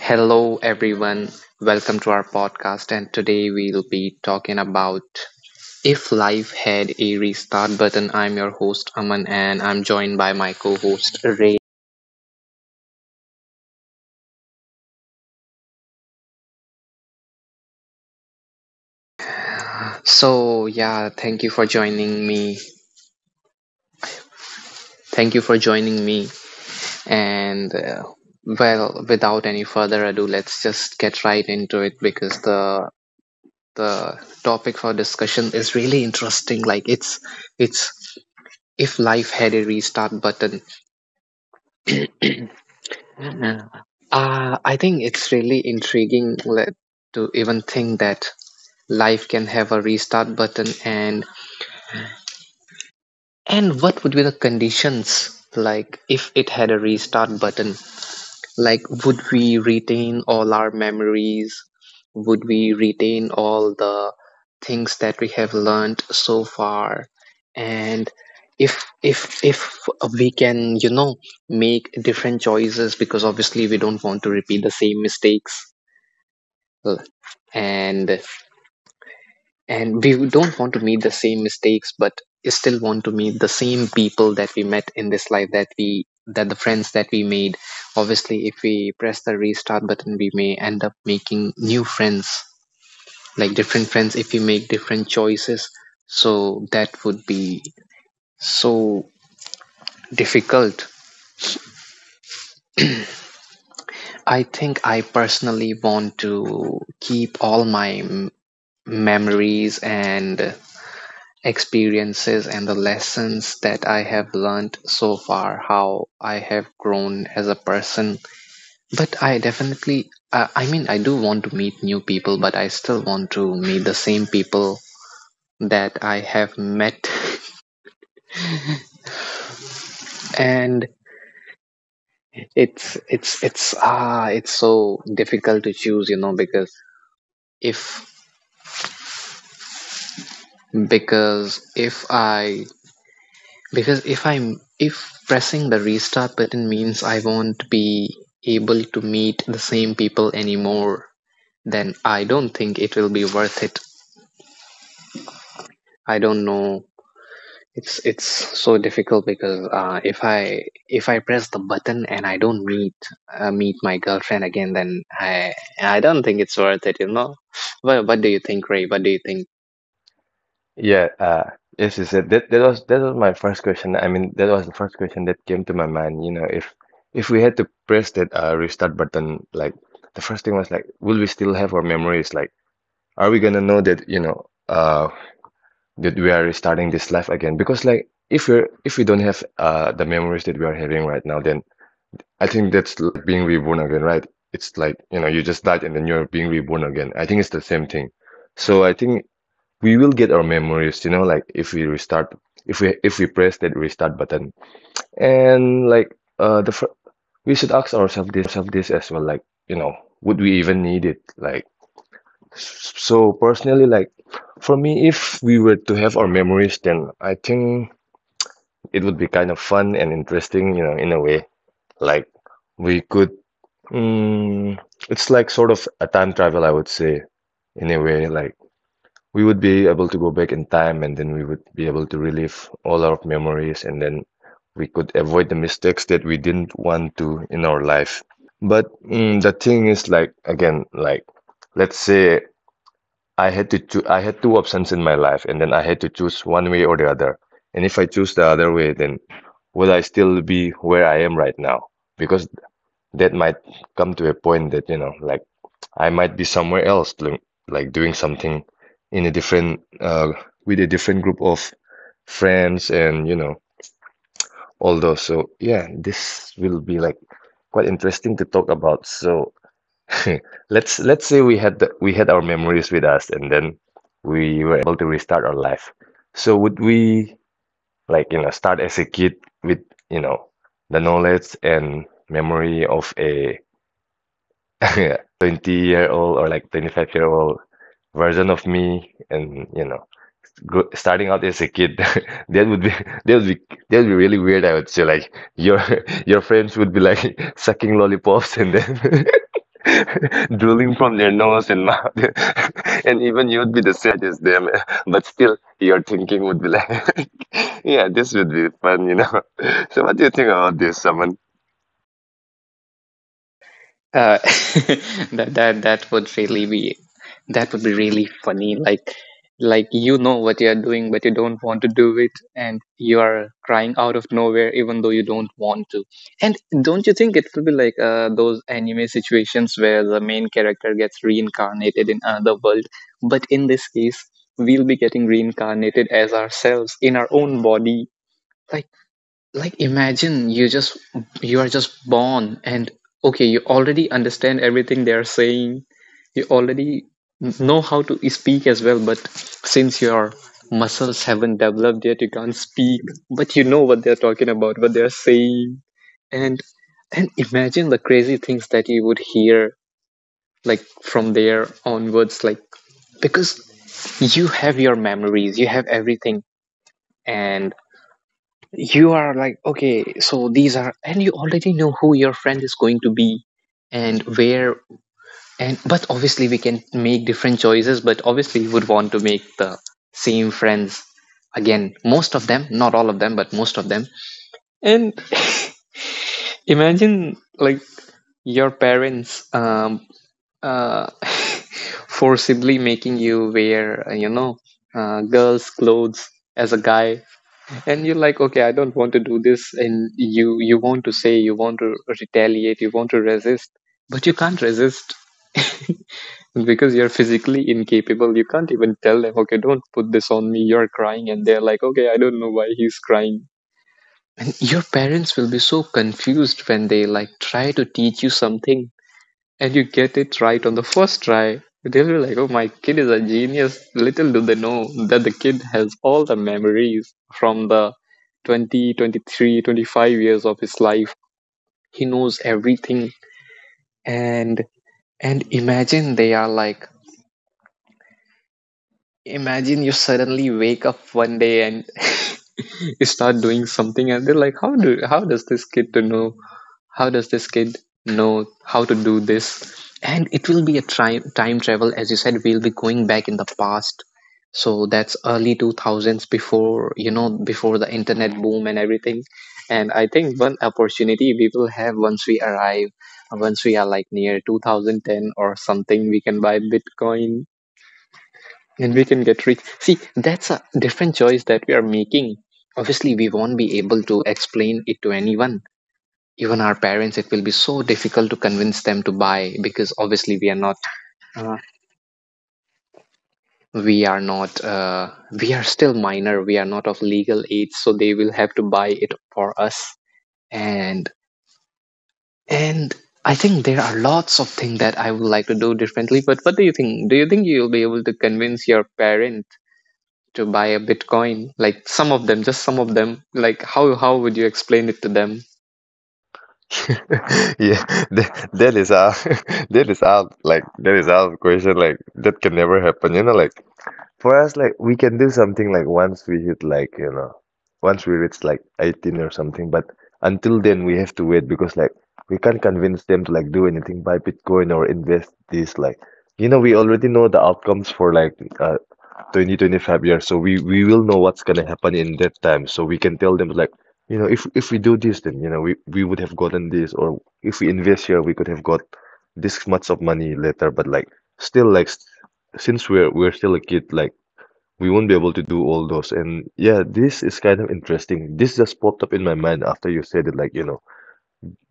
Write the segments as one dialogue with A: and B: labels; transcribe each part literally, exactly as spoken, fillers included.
A: Hello, everyone. Welcome to our podcast. And today we'll be talking about if life had a restart button. I'm your host, Aman, and I'm joined by my co host, Ray. So, yeah, thank you for joining me. Thank you for joining me. And, uh, well, without any further ado, let's just get right into it, because the the topic for discussion is really interesting. Like, it's it's if life had a restart button. Yeah. Uh, I think it's really intriguing le- to even think that life can have a restart button, and and what would be the conditions, like if it had a restart button? Like, would we retain all our memories? Would we retain all the things that we have learned so far? And if if if we can, you know, make different choices, because obviously we don't want to repeat the same mistakes L. and and we don't want to meet the same mistakes, but still want to meet the same people that we met in this life, that we that the friends that we made. Obviously, if we press the restart button, we may end up making new friends, like different friends, if we make different choices. So that would be so difficult. I think I personally want to keep all my m- memories and experiences and the lessons that I have learned so far, how I have grown as a person. But I definitely, uh, I mean, I do want to meet new people, but I still want to meet the same people that I have met. And it's it's it's ah it's so difficult to choose, you know, because if because if I Because if I'm if pressing the restart button means I won't be able to meet the same people anymore, then I don't think it will be worth it. I don't know. It's it's so difficult, because uh, if I if I press the button and I don't meet uh, meet my girlfriend again, then I I don't think it's worth it, you know. What What do you think, Ray? What do you think?
B: Yeah, uh, yes, yes, yes. That that was that was my first question. I mean, that was the first question that came to my mind. You know, if if we had to press that uh, restart button, like the first thing was like, will we still have our memories? Like, are we gonna know that, you know, uh, that we are restarting this life again? Because like, if we're if we don't have uh the memories that we are having right now, then I think that's l- like being reborn again, right? It's like, you know, you just died and then you're being reborn again. I think it's the same thing. So I think we will get our memories, you know, like if we restart, if we if we press that restart button. And like, uh the fir- we should ask ourselves this as well, like, you know, would we even need it? Like, s- so personally, like for me, if we were to have our memories, then I think it would be kind of fun and interesting, you know. In a way, like we could, mm, it's like sort of a time travel, I would say. In a way, like we would be able to go back in time and then we would be able to relive all our memories and then we could avoid the mistakes that we didn't want to in our life. But mm, the thing is, like, again, like let's say I had to choo- I had two options in my life and then I had to choose one way or the other. And if I choose the other way, then will I still be where I am right now? Because that might come to a point that, you know, like I might be somewhere else, doing, like doing something in a different, uh, with a different group of friends and, you know, all those. So yeah, this will be like quite interesting to talk about. So let's let's say we had the, we had our memories with us and then we were able to restart our life. So would we, like, you know, start as a kid with, you know, the knowledge and memory of a twenty year old or like twenty-five year old version of me, and you know, go, starting out as a kid that would be that would be that would be really weird, I would say. Like your your friends would be like sucking lollipops and then drooling from their nose and mouth, and even you would be the same height as them, but still your thinking would be like yeah, this would be fun, you know. So what do you think about this, someone?
A: Uh, that that that would really be that would be really funny. Like, like you know what you are doing, but you don't want to do it, and you are crying out of nowhere, even though you don't want to. And don't you think it will be like, uh, those anime situations where the main character gets reincarnated in another world? But in this case, we'll be getting reincarnated as ourselves in our own body. Like, like imagine you just you are just born, and okay, you already understand everything they are saying. You already know how to speak as well, but since your muscles haven't developed yet, you can't speak, but you know what they're talking about, what they're saying. And and imagine the crazy things that you would hear, like, from there onwards, like, because you have your memories, you have everything, and you are like, okay, so these are, and you already know who your friend is going to be and where. And but obviously, we can make different choices, but obviously you would want to make the same friends again, most of them, not all of them, but most of them. And imagine, like, your parents um uh forcibly making you wear, uh, you know, uh, girls' clothes as a guy, and you're like, okay, I don't want to do this, and you you want to say, you want to retaliate, you want to resist, but you can't resist, because you're physically incapable. You can't even tell them, okay, don't put this on me. You're crying, and they're like, okay, I don't know why he's crying. Your parents will be so confused when they, like, try to teach you something and you get it right on the first try. They'll be like, oh, my kid is a genius. Little do they know that the kid has all the memories from the twenty, twenty-three, twenty-five years of his life. He knows everything. And and imagine, they are like, imagine you suddenly wake up one day and start doing something, and they're like, how do how does this kid to know, how does this kid know how to do this? And it will be a tri- time travel, as you said. We'll be going back in the past, so that's early two thousands, before, you know, before the internet Mm. boom and everything. And I think one opportunity we will have, once we arrive, once we are like near two thousand ten or something, we can buy bitcoin and we can get rich. See, that's a different choice that we are making. Obviously, we won't be able to explain it to anyone, even our parents. It will be so difficult to convince them to buy, because obviously we are not uh, we are not uh, we are still minor, we are not of legal age, so they will have to buy it for us. And and I think there are lots of things that I would like to do differently. But what do you think? Do you think you'll be able to convince your parent to buy a bitcoin, like some of them, just some of them? Like, how how would you explain it to them?
B: Yeah, that that is out, that is out, like that is out of question. Like that can never happen. You know, like for us, like we can do something like once we hit, like, you know, once we reach like eighteen or something. But until then, we have to wait, because like we can't convince them to like do anything, buy Bitcoin or invest this. Like, you know, we already know the outcomes for like, uh, twenty twenty-five years, so we we will know what's going to happen in that time, so we can tell them, like, you know, if if we do this, then, you know, we we would have gotten this, or if we invest here we could have got this much of money later. But like still, like s- since we're we're still a kid, like we won't be able to do all those. And yeah, this is kind of interesting. This just popped up in my mind after you said it, like, you know,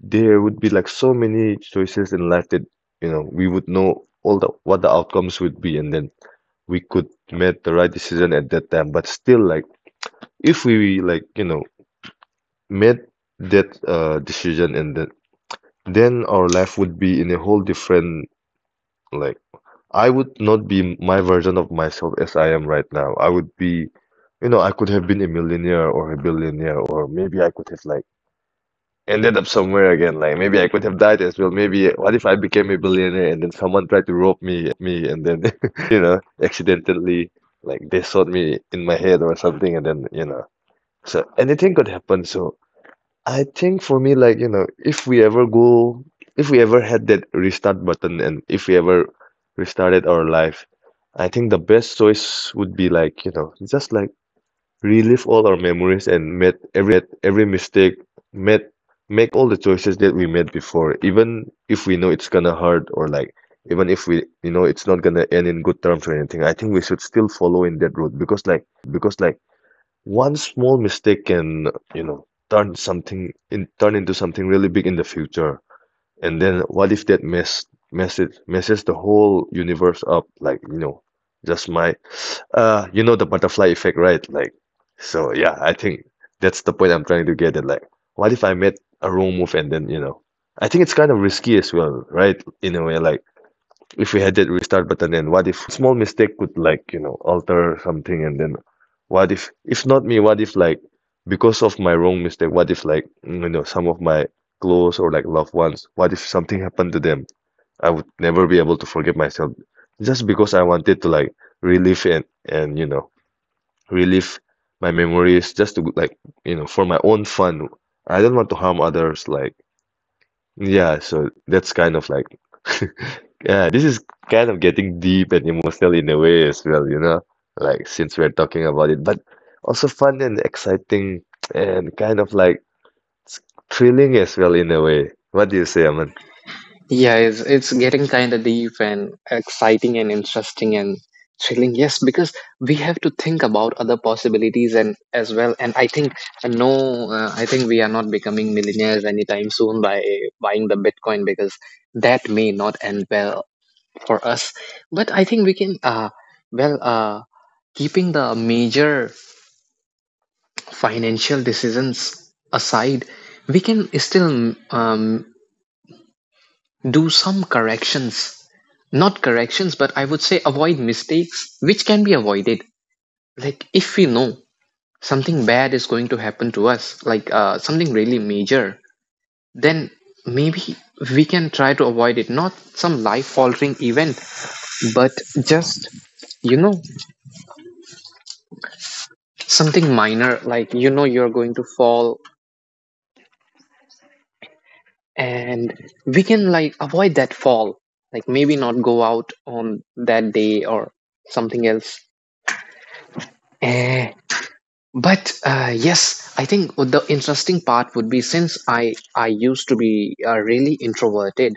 B: there would be like so many choices in life that, you know, we would know all the what the outcomes would be, and then we could made the right decision at that time. But still, like if we, like, you know, made that uh decision, and then then our life would be in a whole different, like I would not be my version of myself as I am right now. I would be, you know, I could have been a millionaire or a billionaire, or maybe I could have like ended up somewhere again. Like maybe I could have died as well. Maybe what if I became a billionaire and then someone tried to rob me and then, you know, accidentally like they shot me in my head or something and then, you know. So anything could happen. So I think for me, like, you know, if we ever go, if we ever had that restart button and if we ever restarted our life, I think the best choice would be like, you know, just like relive all our memories and met every mistake, met make all the choices that we made before, even if we know it's gonna hurt, or like even if we, you know, it's not gonna end in good terms or anything. I think we should still follow in that route, because like one small mistake can, you know, turn something in, turn into something really big in the future. And then what if that mess mess messes the whole universe up? Like, you know, just my, uh you know, the butterfly effect, right? Like, so yeah, I think that's the point I'm trying to get at. Like, what if I made a wrong move? And then, you know, I think it's kind of risky as well, right? In a way, like if we had that restart button, then what if one small mistake could, like, you know, alter something? And then what if if not me, what if, like, because of my wrong mistake, what if like, mm, you know, some of my close or like loved ones, what if something happened to them? I would never be able to forgive myself just because I wanted to, like, relive and and you know, relive my memories, just to like, you know, for my own fun. I don't want to harm others. Like, yeah, so that's kind of like, yeah, this is kind of getting deep and emotional in a way as well, you know, like since we're talking about it, but also fun and exciting and kind of like s- thrilling as well in a way. What do you say, Aman?
A: Yeah, it's, it's getting kind of deep and exciting and interesting and thrilling. Yes, because we have to think about other possibilities and as well. And I think, uh, no, uh, I think we are not becoming millionaires anytime soon by buying the Bitcoin, because that may not end well for us. But I think we can, uh, well, uh, keeping the major financial decisions aside, we can still, um, do some corrections. Not corrections, but I would say avoid mistakes which can be avoided. Like, if we know something bad is going to happen to us, like, uh, something really major, then maybe we can try to avoid it. Not some life altering event, but just, you know, something minor, like, you know, you're going to fall, and we can, like, avoid that fall, like maybe not go out on that day or something else. Eh, But uh, yes, I think the interesting part would be, since I I used to be, uh, really introverted,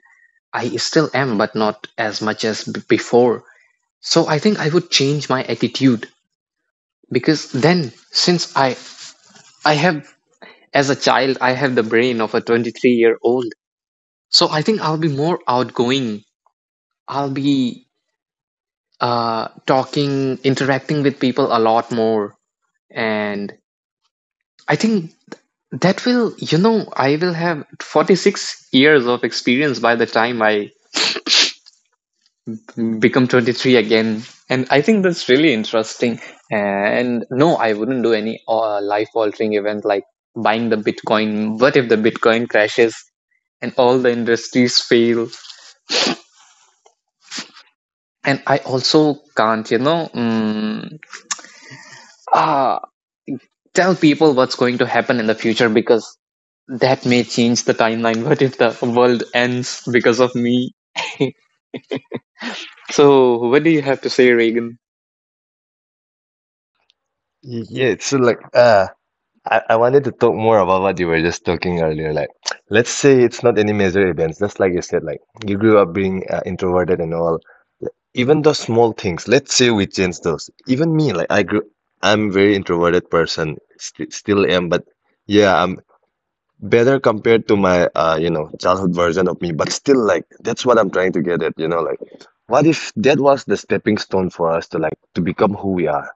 A: I still am, but not as much as b- before. So I think I would change my attitude, because then, since I I have, as a child, I have the brain of a twenty-three year old. So I think I'll be more outgoing. I'll be, uh talking, interacting with people a lot more. And I think that will, you know, I will have forty-six years of experience by the time I become twenty-three again. And I think that's really interesting. And no, I wouldn't do any, uh, life altering event like buying the Bitcoin. What if the Bitcoin crashes and all the industries fail? And I also can't, you know, mm, ah, tell people what's going to happen in the future, because that may change the timeline. What if the world ends because of me? So, what do you have to say, Reagan?
B: Y- Yeah, so like, uh I, I wanted to talk more about what you were just talking earlier. Like, let's say it's not any major events, just like you said, like you grew up being, uh, introverted and all. Even the small things, let's say with change those. Even me, like I grew, I'm very introverted person, st- still am, but yeah, I'm better compared to my, uh you know, childhood version of me. But still, like that's what I'm trying to get at, you know, like what if that was the stepping stone for us to like, to become who we are?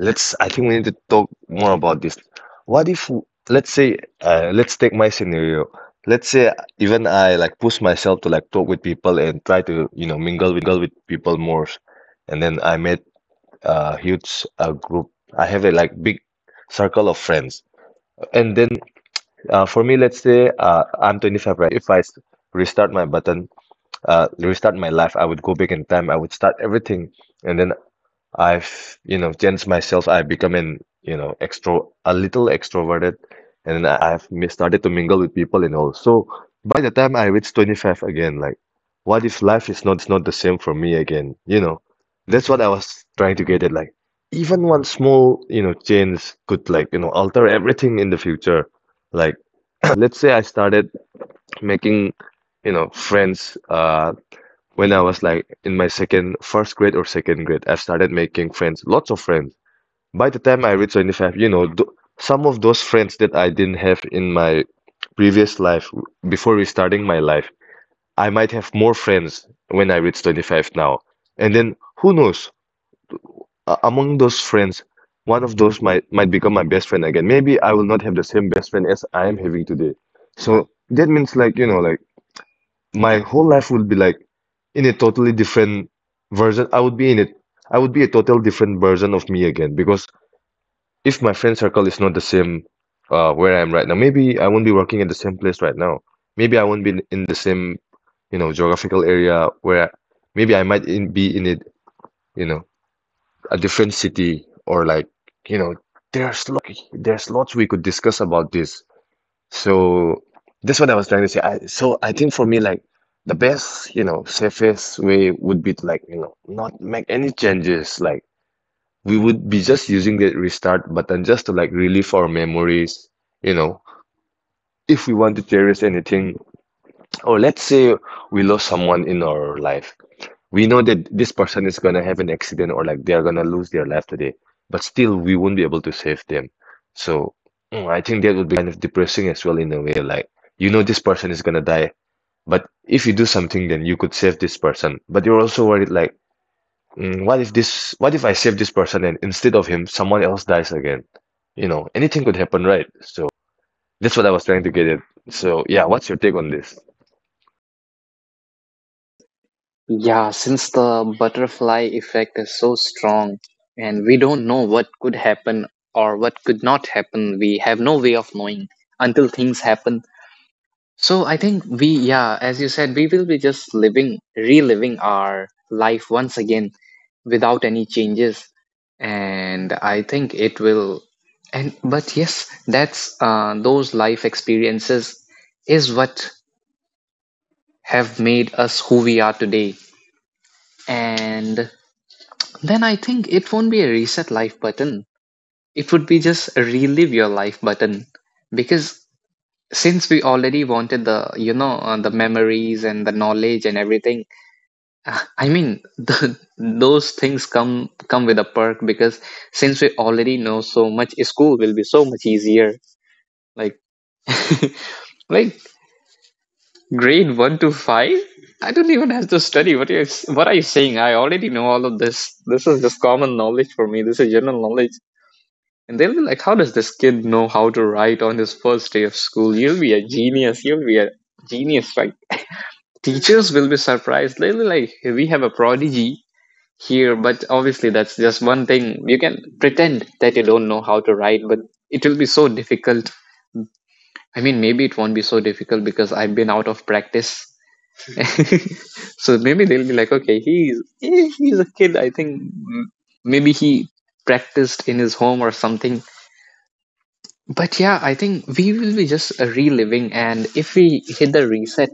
B: Let's, I think we need to talk more about this. What if, w- let's say, uh, let's take my scenario. Let's say even I, like, push myself to, like, talk with people and try to, you know, mingle with people more. And then I met a huge, uh, group. I have a, like, big circle of friends. And then, uh, for me, let's say, uh, I'm twenty-five right now. So if I s- restart my button, uh, restart my life, I would go back in time. I would start everything. And then I've, you know, changed myself. I've become an, you know, extro a little extroverted, and I, I've mi- started to mingle with people and all. So by the time I reach twenty-five again, like, what if life is not the same for me again? You know, that's what I was trying to get at. Like, even one small, you know, change could, like, you know, alter everything in the future. Like, let's say I started making, you know, friends, uh when I was like in my second, first grade or second grade, I started making friends, lots of friends. By the time I reached twenty-five, you know, th some of those friends that I didn't have in my previous life before restarting my life, I might have more friends when I reach twenty-five now. And then who knows, uh, among those friends, one of those might might become my best friend again. Maybe I will not have the same best friend as I am having today. So that means, like, you know, like my whole life would be like in a totally different version. I would be in it. I would be a total different version of me again, because if my friend circle is not the same uh, where I am right now, maybe I won't be working at the same place right now. Maybe I won't be in in the same, you know, geographical area where I, maybe I might in, be in it, you know, a different city, or like, you know, there's lots like there's lots we could discuss about this. So that's what I was trying to say. I, so I think for me, like the best, you know, safest way would be to, like, you know, not make any changes. Like, we would be just using the restart button just to, like, relive our memories, you know. If we want to cherish anything, or let's say we lost someone in our life, we know that this person is going to have an accident or like they're going to lose their life today, but still we won't be able to save them. So mm, I think that would be kind of depressing as well in a way. Like, you know, this person is going to die, but if you do something, then you could save this person. But you're also worried, like, mm, what if this, what if I save this person and instead of him, someone else dies again? You know, anything could happen, right? So that's what I was trying to get at. So yeah, what's your take on this?
A: Yeah, since the butterfly effect is so strong and we don't know what could happen or what could not happen, we have no way of knowing until things happen. So I think we, yeah, as you said, we will be just living, reliving our life once again without any changes. And I think it will, and but yes, that's uh, those life experiences is what have made us who we are today. And then I think it won't be a reset life button. It would be just a relive your life button. Because since we already wanted the, you know, uh, the memories and the knowledge and everything, I mean, the, those things come come with a perk, because since we already know so much, school will be so much easier. Like, like, Grade one to five? I don't even have to study. What are you, what are you saying? I already know all of this. This is just common knowledge for me. This is general knowledge. And they'll be like, how does this kid know how to write on his first day of school? You'll be a genius. You'll be a genius, right? Teachers will be surprised. They'll be like, "Hey, we have a prodigy here," but obviously that's just one thing. You can pretend that you don't know how to write, but it will be so difficult. I mean, maybe it won't be so difficult, because I've been out of practice, so maybe they'll be like, okay, he's eh, he's a kid. I think m- maybe he practiced in his home or something. But yeah, I think we will be just reliving, and if we hit the reset,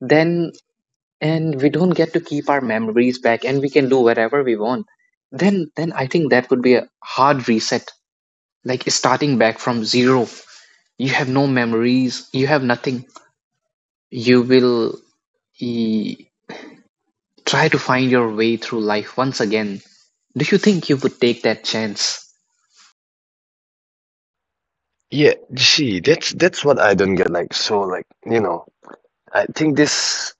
A: then and we don't get to keep our memories back, and we can do whatever we want. Then, then I think that would be a hard reset, like starting back from zero. You have no memories. You have nothing. You will e, try to find your way through life once again. Do you think you would take that chance?
B: Yeah, see, that's that's what I don't get. Like, so, like, you know. I think this,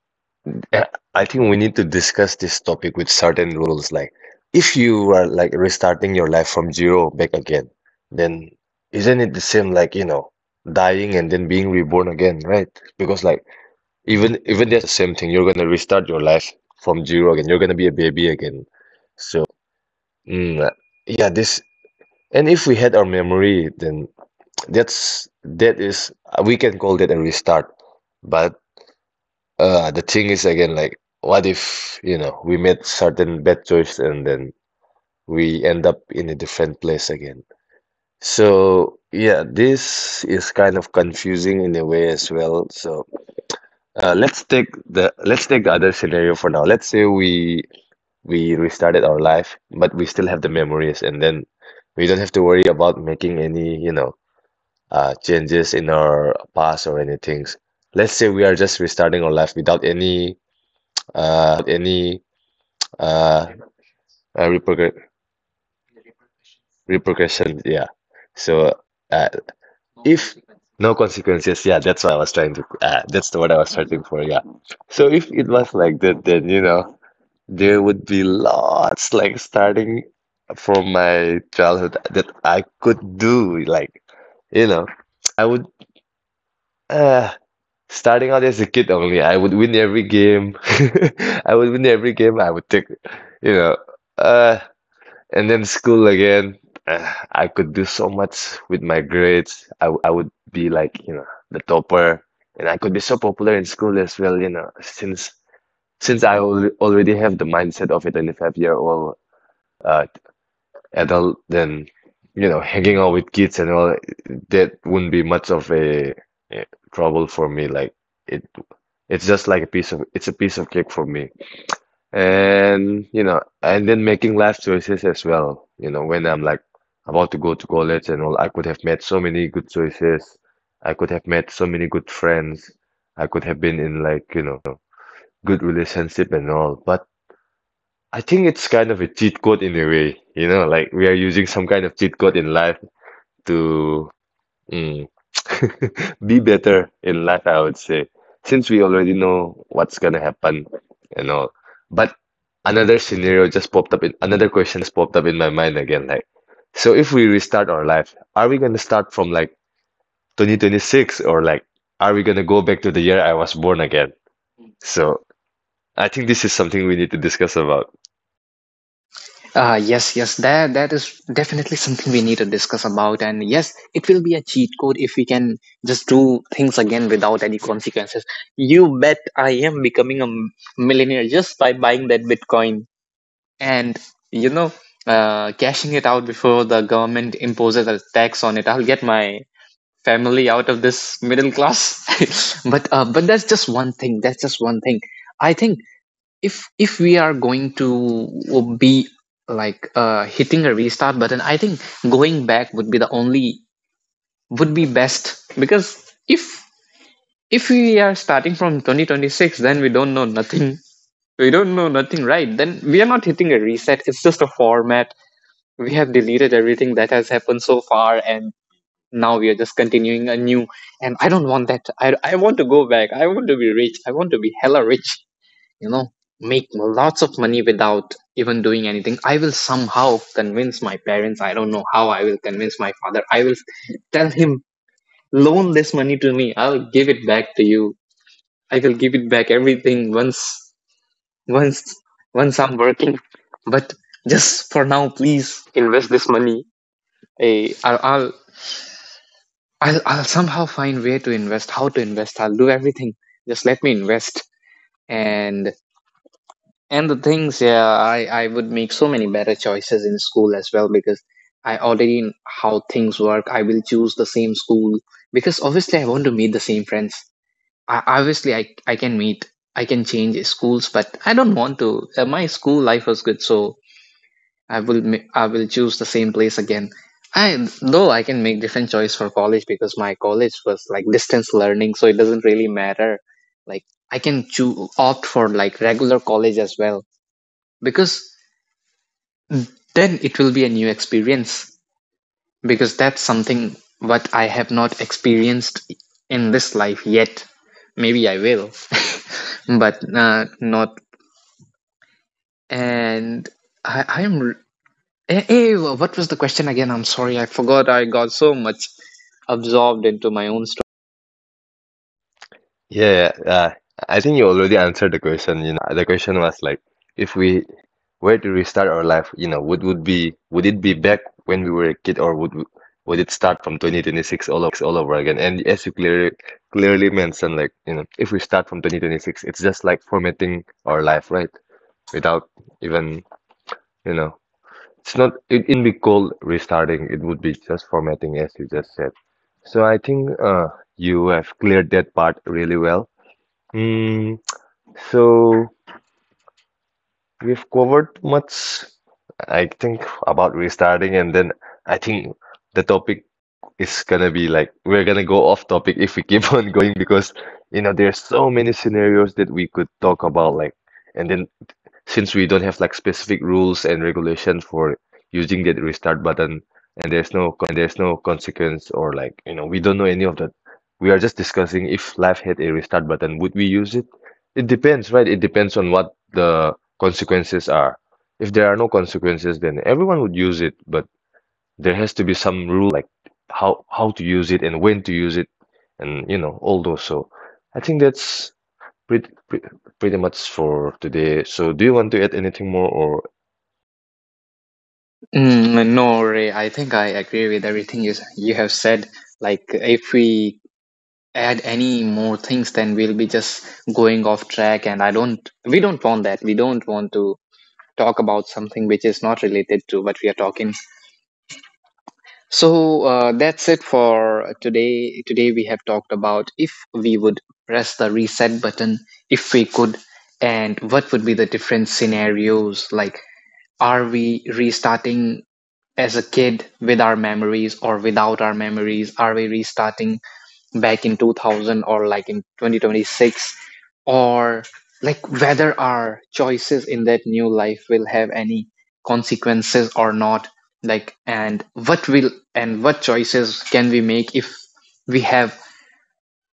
B: uh, I think we need to discuss this topic with certain rules. Like, if you are like restarting your life from zero back again, then isn't it the same, like, you know, dying and then being reborn again, right? Because like even even that's the same thing. You're gonna restart your life from zero again. You're gonna be a baby again. So, mm, uh, yeah, this, and if we had our memory, then that's that is we can call that a restart. But Uh, the thing is again, like, what if, you know, we made certain bad choices and then we end up in a different place again? So, yeah, this is kind of confusing in a way as well. So, uh, let's take the let's take the other scenario for now. Let's say we we restarted our life, but we still have the memories, and then we don't have to worry about making any, you know, uh, changes in our past or anything. Let's say we are just restarting our life without any uh uh, repercu- repercussions. Yeah. So uh, if no consequences, yeah, that's what I was trying to. Uh, that's the word I was searching for. Yeah. So if it was like that, then you know there would be lots like starting from my childhood that I could do. Like, you know, I would. Uh, starting out as a kid only, I would win every game. I would win every game. I would take, you know, uh, and then school again, uh, I could do so much with my grades. I, w- I would be, like, you know, the topper, and I could be so popular in school as well, you know, since since I al already have the mindset of a twenty-five year old uh, adult, then you know, hanging out with kids and all that wouldn't be much of a, a trouble for me. Like, it, it's just like a piece of it's a piece of cake for me. And you know, and then making life choices as well. You know, when I'm like about to go to college and all, I could have made so many good choices. I could have made so many good friends. I could have been in, like, you know, good relationship and all. But I think it's kind of a cheat code in a way, you know, like, we are using some kind of cheat code in life to. Mm. Be better in life, I would say, since we already know what's gonna happen and all. But another scenario just popped up, in another question just popped up in my mind again. Like, so if we restart our life, are we gonna start from like twenty twenty-six, or like are we gonna go back to the year I was born again? So I think this is something we need to discuss about.
A: uh, Yes, yes, that that is definitely something we need to discuss about. And yes, it will be a cheat code if we can just do things again without any consequences. You bet I am becoming a m- millionaire just by buying that bitcoin and you know uh, cashing it out before the government imposes a tax on it. I'll get my family out of this middle class. but uh, but that's just one thing. That's just one thing. I think if if we are going to be like uh, hitting a restart button, I think going back would be the only would be best, because if if we are starting from twenty twenty-six, then we don't know nothing. we don't know nothing. Right, then we are not hitting a reset. It's just a format. We have deleted everything that has happened so far, and now we are just continuing anew, and I don't want that. I, I want to go back. I want to be rich. I want to be hella rich, you know, make lots of money without even doing anything. I will somehow convince my parents. I don't know how I will convince my father. I will tell him, loan this money to me. I'll give it back to you. I will give it back everything once once once I'm working, but just for now, please invest this money. Eh, I'll, I'll I'll, I'll somehow find where to invest, how to invest. I'll do everything. Just let me invest. And and the things, yeah, I, I would make so many better choices in school as well, because I already know how things work. I will choose the same school because obviously I want to meet the same friends. I, obviously I, I can meet, I can change schools, but I don't want to. Uh, my school life was good, so I will ma- I will choose the same place again. I though I can make different choice for college because my college was like distance learning, so it doesn't really matter. Like I can choose opt for like regular college as well, because then it will be a new experience because that's something what I have not experienced in this life yet. Maybe I will, but uh, not. And I I am Eh, eh, wha- what was the question again? I'm sorry, I forgot. I got so much absorbed into my own story.
B: Yeah, yeah, uh, I think you already answered the question. You know, the question was like, if we were to restart our life, you know, would would be would it be back when we were a kid, or would would it start from twenty twenty-six all over again? And as you clearly clearly mentioned, like, you know, if we start from twenty twenty-six, it's just like formatting our life, right? Without even, you know, it's not it, it wouldn't be called restarting. It would be just formatting, as you just said. So I think uh, you have cleared that part really well. Hmm, so we've covered much, I think, about restarting, and then I think the topic is gonna be like we're gonna go off topic if we keep on going, because you know there's so many scenarios that we could talk about, like, and then since we don't have like specific rules and regulations for using that restart button and there's no consequence, or like you know we don't know any of that, we are just discussing if life had a restart button would we use it. It depends, right? It depends on what the consequences are. If there are no consequences, then everyone would use it. But there has to be some rules, like how how to use it and when to use it and you know all those. So I think that's pretty, pretty pretty much for today. So, do you want to add anything more, or
A: Mm, no, Ray, I think I agree with everything you, s- you have said. Like, if we add any more things, then we'll be just going off track, and I don't, we don't want that. We don't want to talk about something which is not related to what we are talking. So uh, that's it for today. Today we have talked about if we would press the reset button, if we could, and what would be the different scenarios. Like, are we restarting as a kid with our memories or without our memories? Are we restarting back in two thousand or like in twenty twenty-six, or like whether our choices in that new life will have any consequences or not, like, and what will and what choices can we make if we have,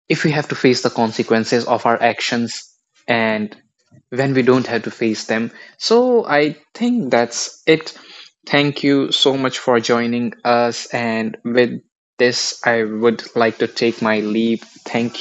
A: if we have to face the consequences of our actions, and when we don't have to face them. So I think that's it. Thank you so much for joining us. And with this, I would like to take my leave. Thank